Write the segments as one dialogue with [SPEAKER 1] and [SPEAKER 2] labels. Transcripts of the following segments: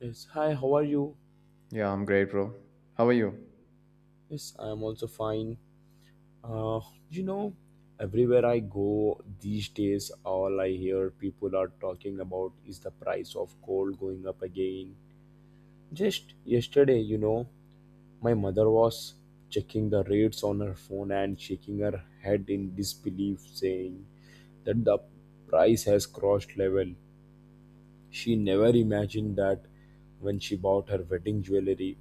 [SPEAKER 1] Yes, hi, how are you?
[SPEAKER 2] Yeah, I'm great, bro. How are you?
[SPEAKER 1] Yes, I am also fine. Uh, you know, Everywhere I go these days, all I hear people are talking about is the price of gold going up again. Just yesterday, my mother was checking the rates on her phone and shaking her head in disbelief, saying that the price has crossed level. She never imagined that when she bought her wedding jewelry,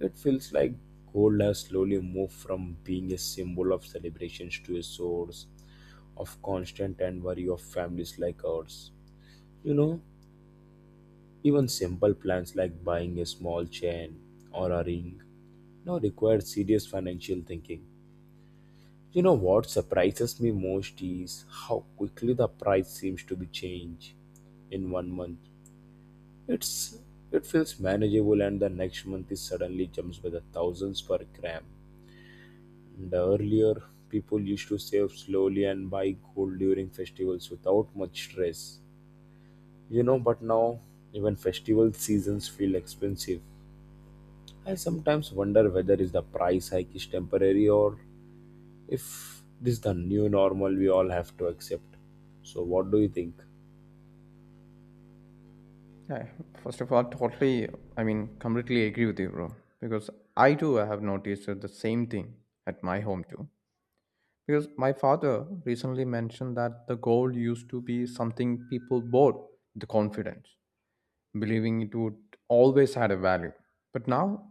[SPEAKER 1] it feels like gold has slowly moved from being a symbol of celebrations to a source of constant and worry of families like ours. You know, even simple plans like buying a small chain or a ring now require serious financial thinking. You know what surprises me most is how quickly the price seems to be changed in one month. It's it feels manageable, and the next month it suddenly jumps by the thousands per gram. And earlier, people used to save slowly and buy gold during festivals without much stress, But now, even festival seasons feel expensive. I sometimes wonder whether is the price hike is temporary or if this is the new normal we all have to accept. So, what do you think?
[SPEAKER 2] Yeah, first of all, totally, completely agree with you, bro. Because I too have noticed the same thing at my home too. Because my father recently mentioned that the gold used to be something people bought with confidence, believing it would always had a value. But now,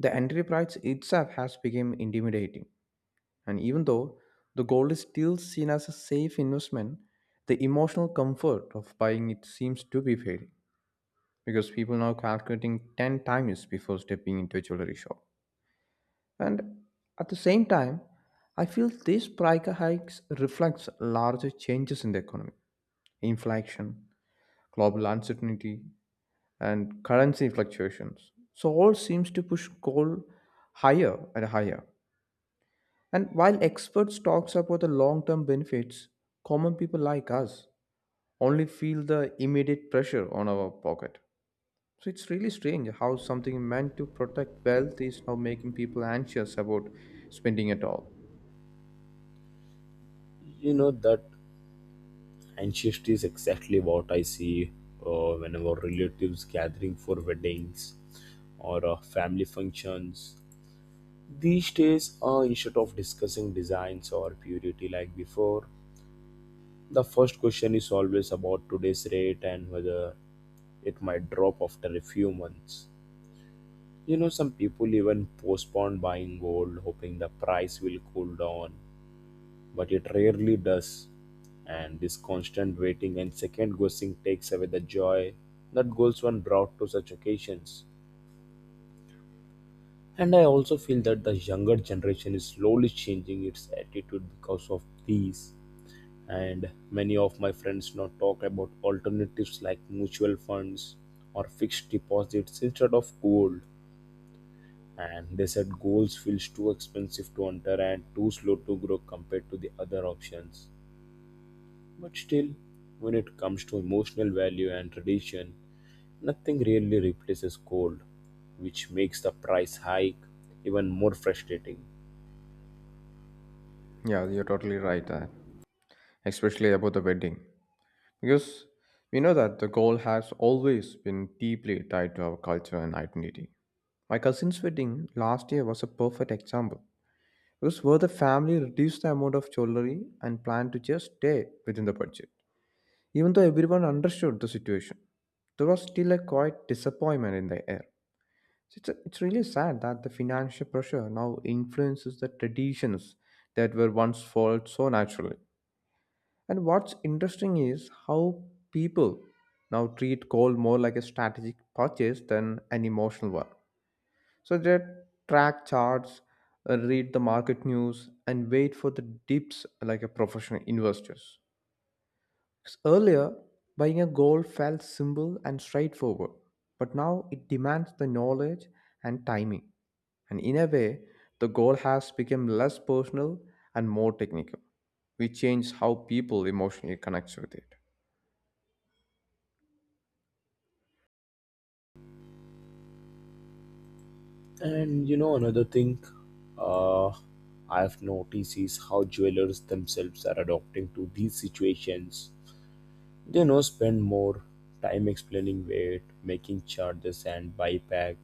[SPEAKER 2] the entry price itself has become intimidating. And even though the gold is still seen as a safe investment, the emotional comfort of buying it seems to be fading because people are now calculating 10 times before stepping into a jewelry shop. And at the same time, I feel these price hikes reflects larger changes in the economy, inflation, global uncertainty, and currency fluctuations. So all seems to push gold higher and higher. And while experts talks about the long-term benefits, common people like us only feel the immediate pressure on our pocket. So it's really strange how something meant to protect wealth is now making people anxious about spending it all.
[SPEAKER 1] You know that Ancestry is exactly what I see whenever relatives gathering for weddings or family functions. These days, instead of discussing designs or purity like before, the first question is always about today's rate and whether it might drop after a few months. You know, some people even postpone buying gold, hoping the price will cool down but it rarely does. And this constant waiting and second guessing takes away the joy that goals one brought to such occasions. And I also feel that the younger generation is slowly changing its attitude because of these. And many of my friends now talk about alternatives like mutual funds or fixed deposits instead of gold. And they said goals feels too expensive to enter and too slow to grow compared to the other options. But still, when it comes to emotional value and tradition, nothing really replaces cold, which makes the price hike even more frustrating.
[SPEAKER 2] Yeah, you're totally right, especially about the wedding. Because we know that the goal has always been deeply tied to our culture and identity. My cousin's wedding last year was a perfect example. Because where the family reduced the amount of jewelry and planned to just stay within the budget. Even though everyone understood the situation, there was still a quiet disappointment in the air. So It's really sad that the financial pressure now influences the traditions that were once followed so naturally. And what's interesting is how people now treat gold more like a strategic purchase than an emotional one. So they track charts, read the market news, and wait for the dips like a professional investors. 'Cause earlier, buying a gold felt simple and straightforward, but now it demands the knowledge and timing. And in a way, the goal has become less personal and more technical. We change how people emotionally connect with it.
[SPEAKER 1] And you know, another thing uh, I've noticed is how jewelers themselves are adopting to these situations. They now spend more time explaining weight, making charges, and buyback,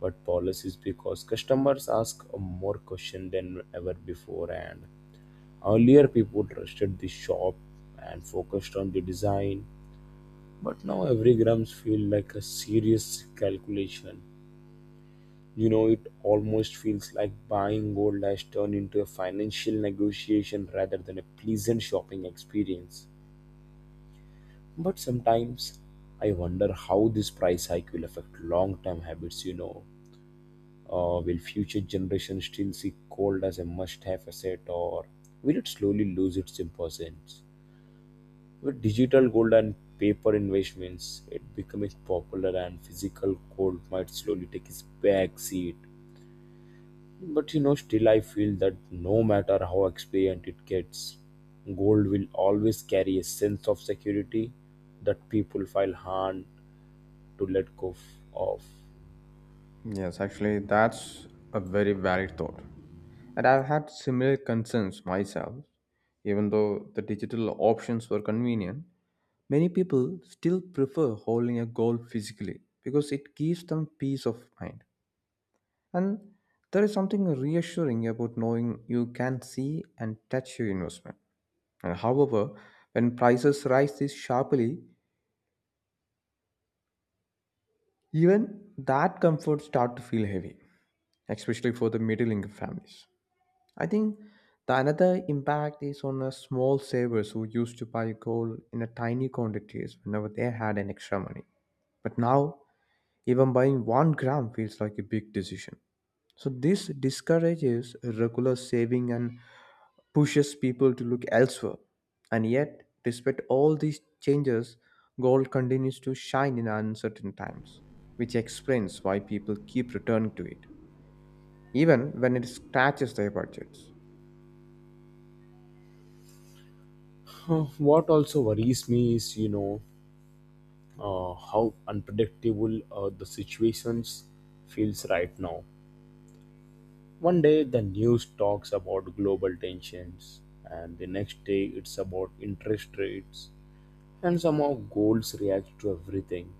[SPEAKER 1] but policies because customers ask more questions than ever before. And earlier, people trusted the shop and focused on the design, but now every grams feel like a serious calculation. You know, it almost feels like buying gold has turned into a financial negotiation rather than a pleasant shopping experience. But sometimes I wonder how this price hike will affect long term habits, Will future generations still see gold as a must have asset, or will it slowly lose its importance? With digital gold and paper investments, it becoming popular and physical gold might slowly take its back seat. But you know, still I feel that no matter how experienced it gets, gold will always carry a sense of security that people feel hard to let go of.
[SPEAKER 2] Yes, actually, that's a very valid thought. And I've had similar concerns myself. Even though the digital options were convenient, many people still prefer holding a goal physically because it gives them peace of mind. And there is something reassuring about knowing you can see and touch your investment. And however, when prices rise this sharply, even that comfort start to feel heavy, especially for the middle income families. I think the another impact is on the small savers who used to buy gold in a tiny quantities whenever they had an extra money. But now, even buying one gram feels like a big decision. So this discourages regular saving and pushes people to look elsewhere. And yet, despite all these changes, gold continues to shine in uncertain times, which explains why people keep returning to it, even when it scratches their budgets.
[SPEAKER 1] What also worries me is, how unpredictable the situations feels right now. One day the news talks about global tensions, and the next day it's about interest rates, and somehow goals react to everything.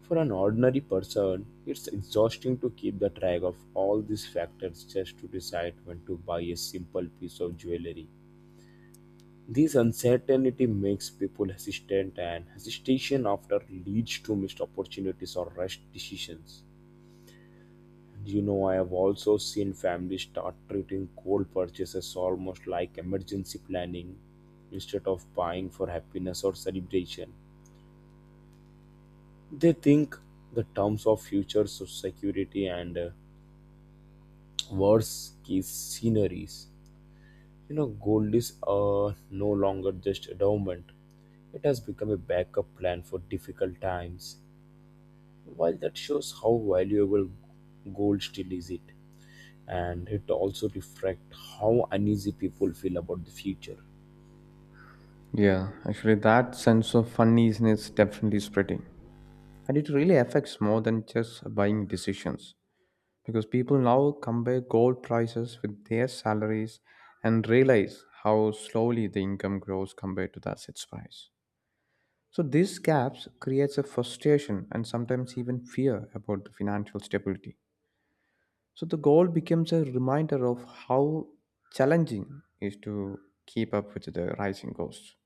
[SPEAKER 1] For an ordinary person, it's exhausting to keep the track of all these factors just to decide when to buy a simple piece of jewelry. This uncertainty makes people hesitant, and hesitation often leads to missed opportunities or rushed decisions. You know, I have also seen families start treating cold purchases almost like emergency planning instead of buying for happiness or celebration. They think the terms of security and worst case sceneries. You know, gold is no longer just endowment. It has become a backup plan for difficult times. While that shows how valuable gold still is it, and it also reflects how uneasy people feel about the future.
[SPEAKER 2] Yeah, actually, that sense of uneasiness is definitely spreading. And it really affects more than just buying decisions because people now compare gold prices with their salaries and realize how slowly the income grows compared to the asset's price. So these gaps creates a frustration and sometimes even fear about the financial stability. So the goal becomes a reminder of how challenging it is to keep up with the rising costs.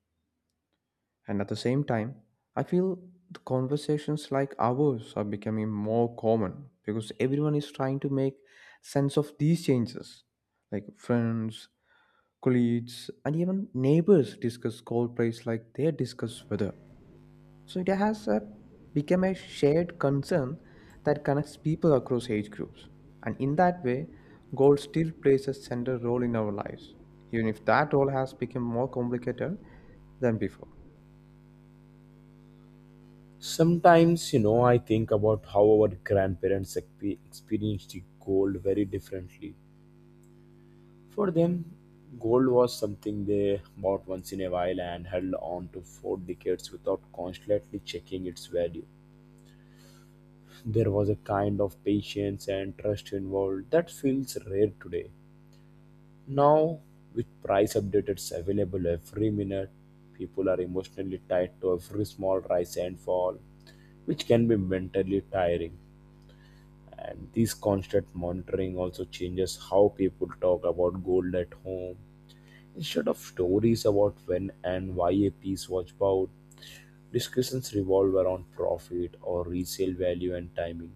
[SPEAKER 2] And at the same time, I feel the conversations like ours are becoming more common because everyone is trying to make sense of these changes. Like friends, colleagues, and even neighbors discuss cold plays like they discuss weather. So it has become a shared concern that connects people across age groups. And in that way, gold still plays a central role in our lives, even if that role has become more complicated than before.
[SPEAKER 1] Sometimes, you know, I think about how our grandparents experienced the gold very differently. For them, gold was something they bought once in a while and held on to for decades without constantly checking its value. There was a kind of patience and trust involved that feels rare today. Now, with price updates available every minute, people are emotionally tied to every small rise and fall, which can be mentally tiring. And this constant monitoring also changes how people talk about gold at home. Instead of stories about when and why a piece was bought, discussions revolve around profit or resale value and timing.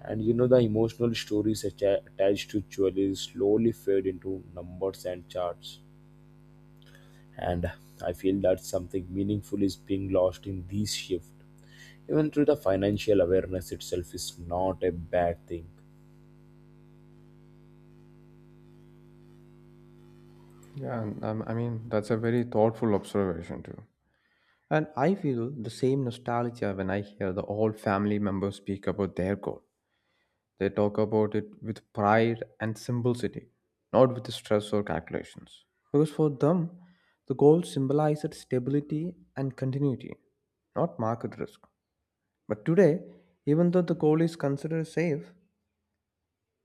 [SPEAKER 1] And you know, the emotional stories attached to jewelry slowly fade into numbers and charts, and I feel that something meaningful is being lost in these shifts, even through the financial awareness itself is not a bad thing.
[SPEAKER 2] And that's a very thoughtful observation, too. And I feel the same nostalgia when I hear the old family members speak about their goal. They talk about it with pride and simplicity, not with stress or calculations. Because for them, the goal symbolized stability and continuity, not market risk. But today, even though the goal is considered safe,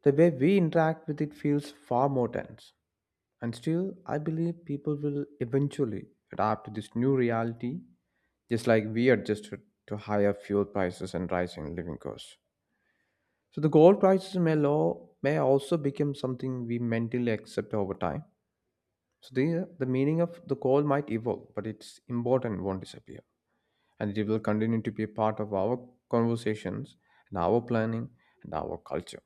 [SPEAKER 2] the way we interact with it feels far more tense. And still, I believe people will eventually adapt to this new reality, just like we adjusted to higher fuel prices and rising living costs. So the gold prices may low may also become something we mentally accept over time. So the meaning of the gold might evolve, but its important won't disappear, and it will continue to be a part of our conversations and our planning and our culture,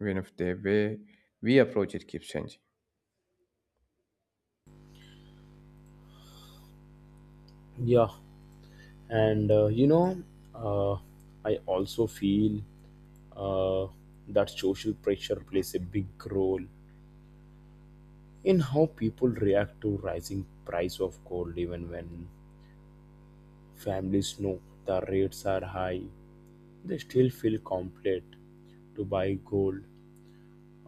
[SPEAKER 2] even if the way we approach it keeps changing.
[SPEAKER 1] Yeah, and uh, I also feel uh, that social pressure plays a big role in how people react to rising price of gold. Even when families know the rates are high, they still feel compelled to buy gold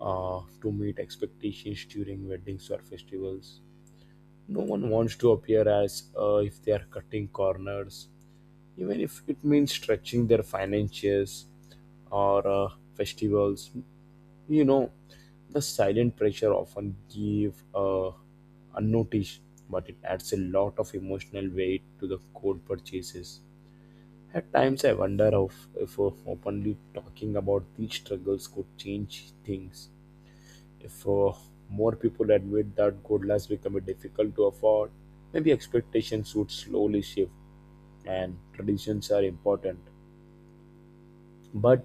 [SPEAKER 1] to meet expectations during weddings or festivals. No one wants to appear as if they are cutting corners, even if it means stretching their finances or festivals. You know, the silent pressure often give unnoticed, but it adds a lot of emotional weight to the cold purchases. At times, I wonder if openly talking about these struggles could change things if more people admit that gold has become difficult to afford, maybe expectations would slowly shift and traditions are important. But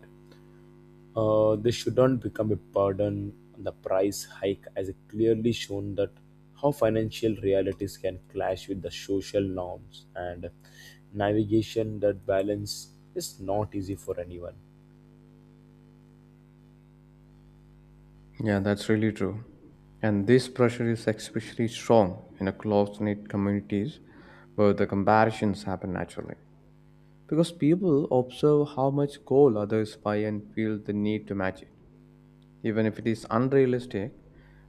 [SPEAKER 1] they shouldn't become a burden. The price hike has clearly shown that how financial realities can clash with the social norms, and navigation that balance is not easy for anyone.
[SPEAKER 2] Yeah, that's really true. And this pressure is especially strong in a close-knit communities where the comparisons happen naturally. Because people observe how much goal others buy and feel the need to match it. Even if it is unrealistic,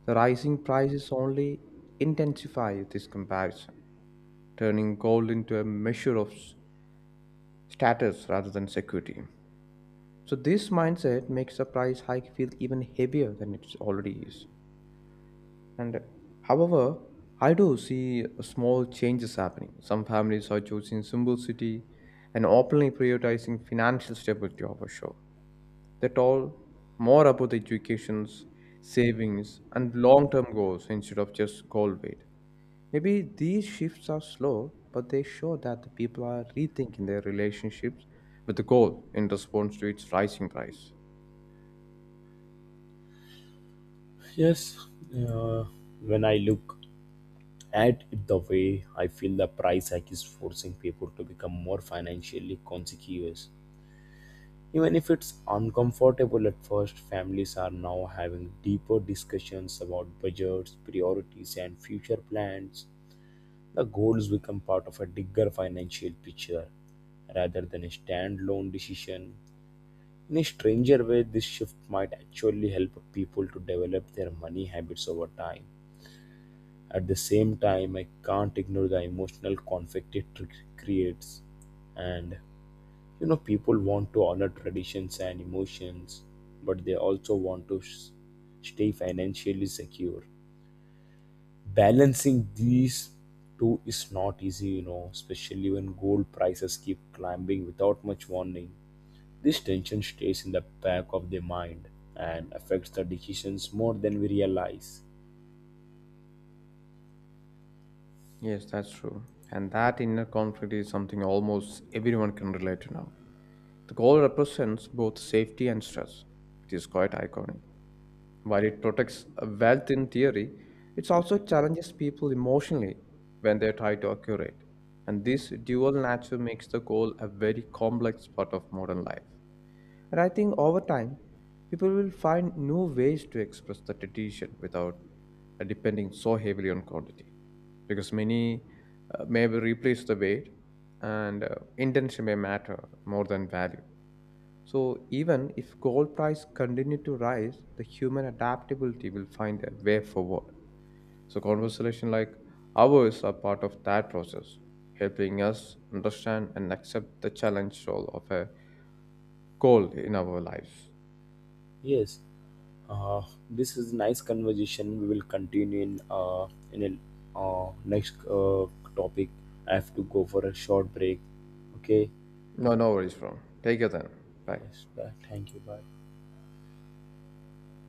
[SPEAKER 2] the rising prices only intensify this comparison, turning gold into a measure of status rather than security. So this mindset makes the price hike feel even heavier than it already is. And however, I do see small changes happening. Some families are choosing simplicity and openly prioritizing financial stability over show. They talk more about the educations, savings, and long-term goals instead of just goal weight. Maybe these shifts are slow, but they show that the people are rethinking their relationships with the goal in response to its rising price.
[SPEAKER 1] Yes, uh, when I look at it the way I feel the price hike is forcing people to become more financially conscious. Even if it's uncomfortable at first, families are now having deeper discussions about budgets, priorities, and future plans. The goals become part of a bigger financial picture rather than a standalone decision. In a stranger way, this shift might actually help people to develop their money habits over time. At the same time, I can't ignore the emotional conflict it creates. And you know, people want to honor traditions and emotions, but they also want to s stay financially secure. Balancing these two is not easy, you know, especially when gold prices keep climbing without much warning. This tension stays in the back of their mind and affects the decisions more than we realize.
[SPEAKER 2] Yes, that's true. And that inner conflict is something almost everyone can relate to now. The goal represents both safety and stress, which is quite iconic. While it protects wealth in theory, it also challenges people emotionally when they try to accurate. And this dual nature makes the goal a very complex part of modern life. And I think over time, people will find new ways to express the tradition without depending so heavily on quantity. Because many may replace the weight and intention may matter more than value. So even if gold price continue to rise, the human adaptability will find a way forward. So conversation like ours are part of that process, helping us understand and accept the challenge role of a goal in our lives.
[SPEAKER 1] Yes, Uh, this is nice conversation. We will continue in a next topic. I have to go for a short break. Okay.
[SPEAKER 2] No, no worries, from. Take care then. Bye.
[SPEAKER 1] Yes. Bye. Thank you. Bye.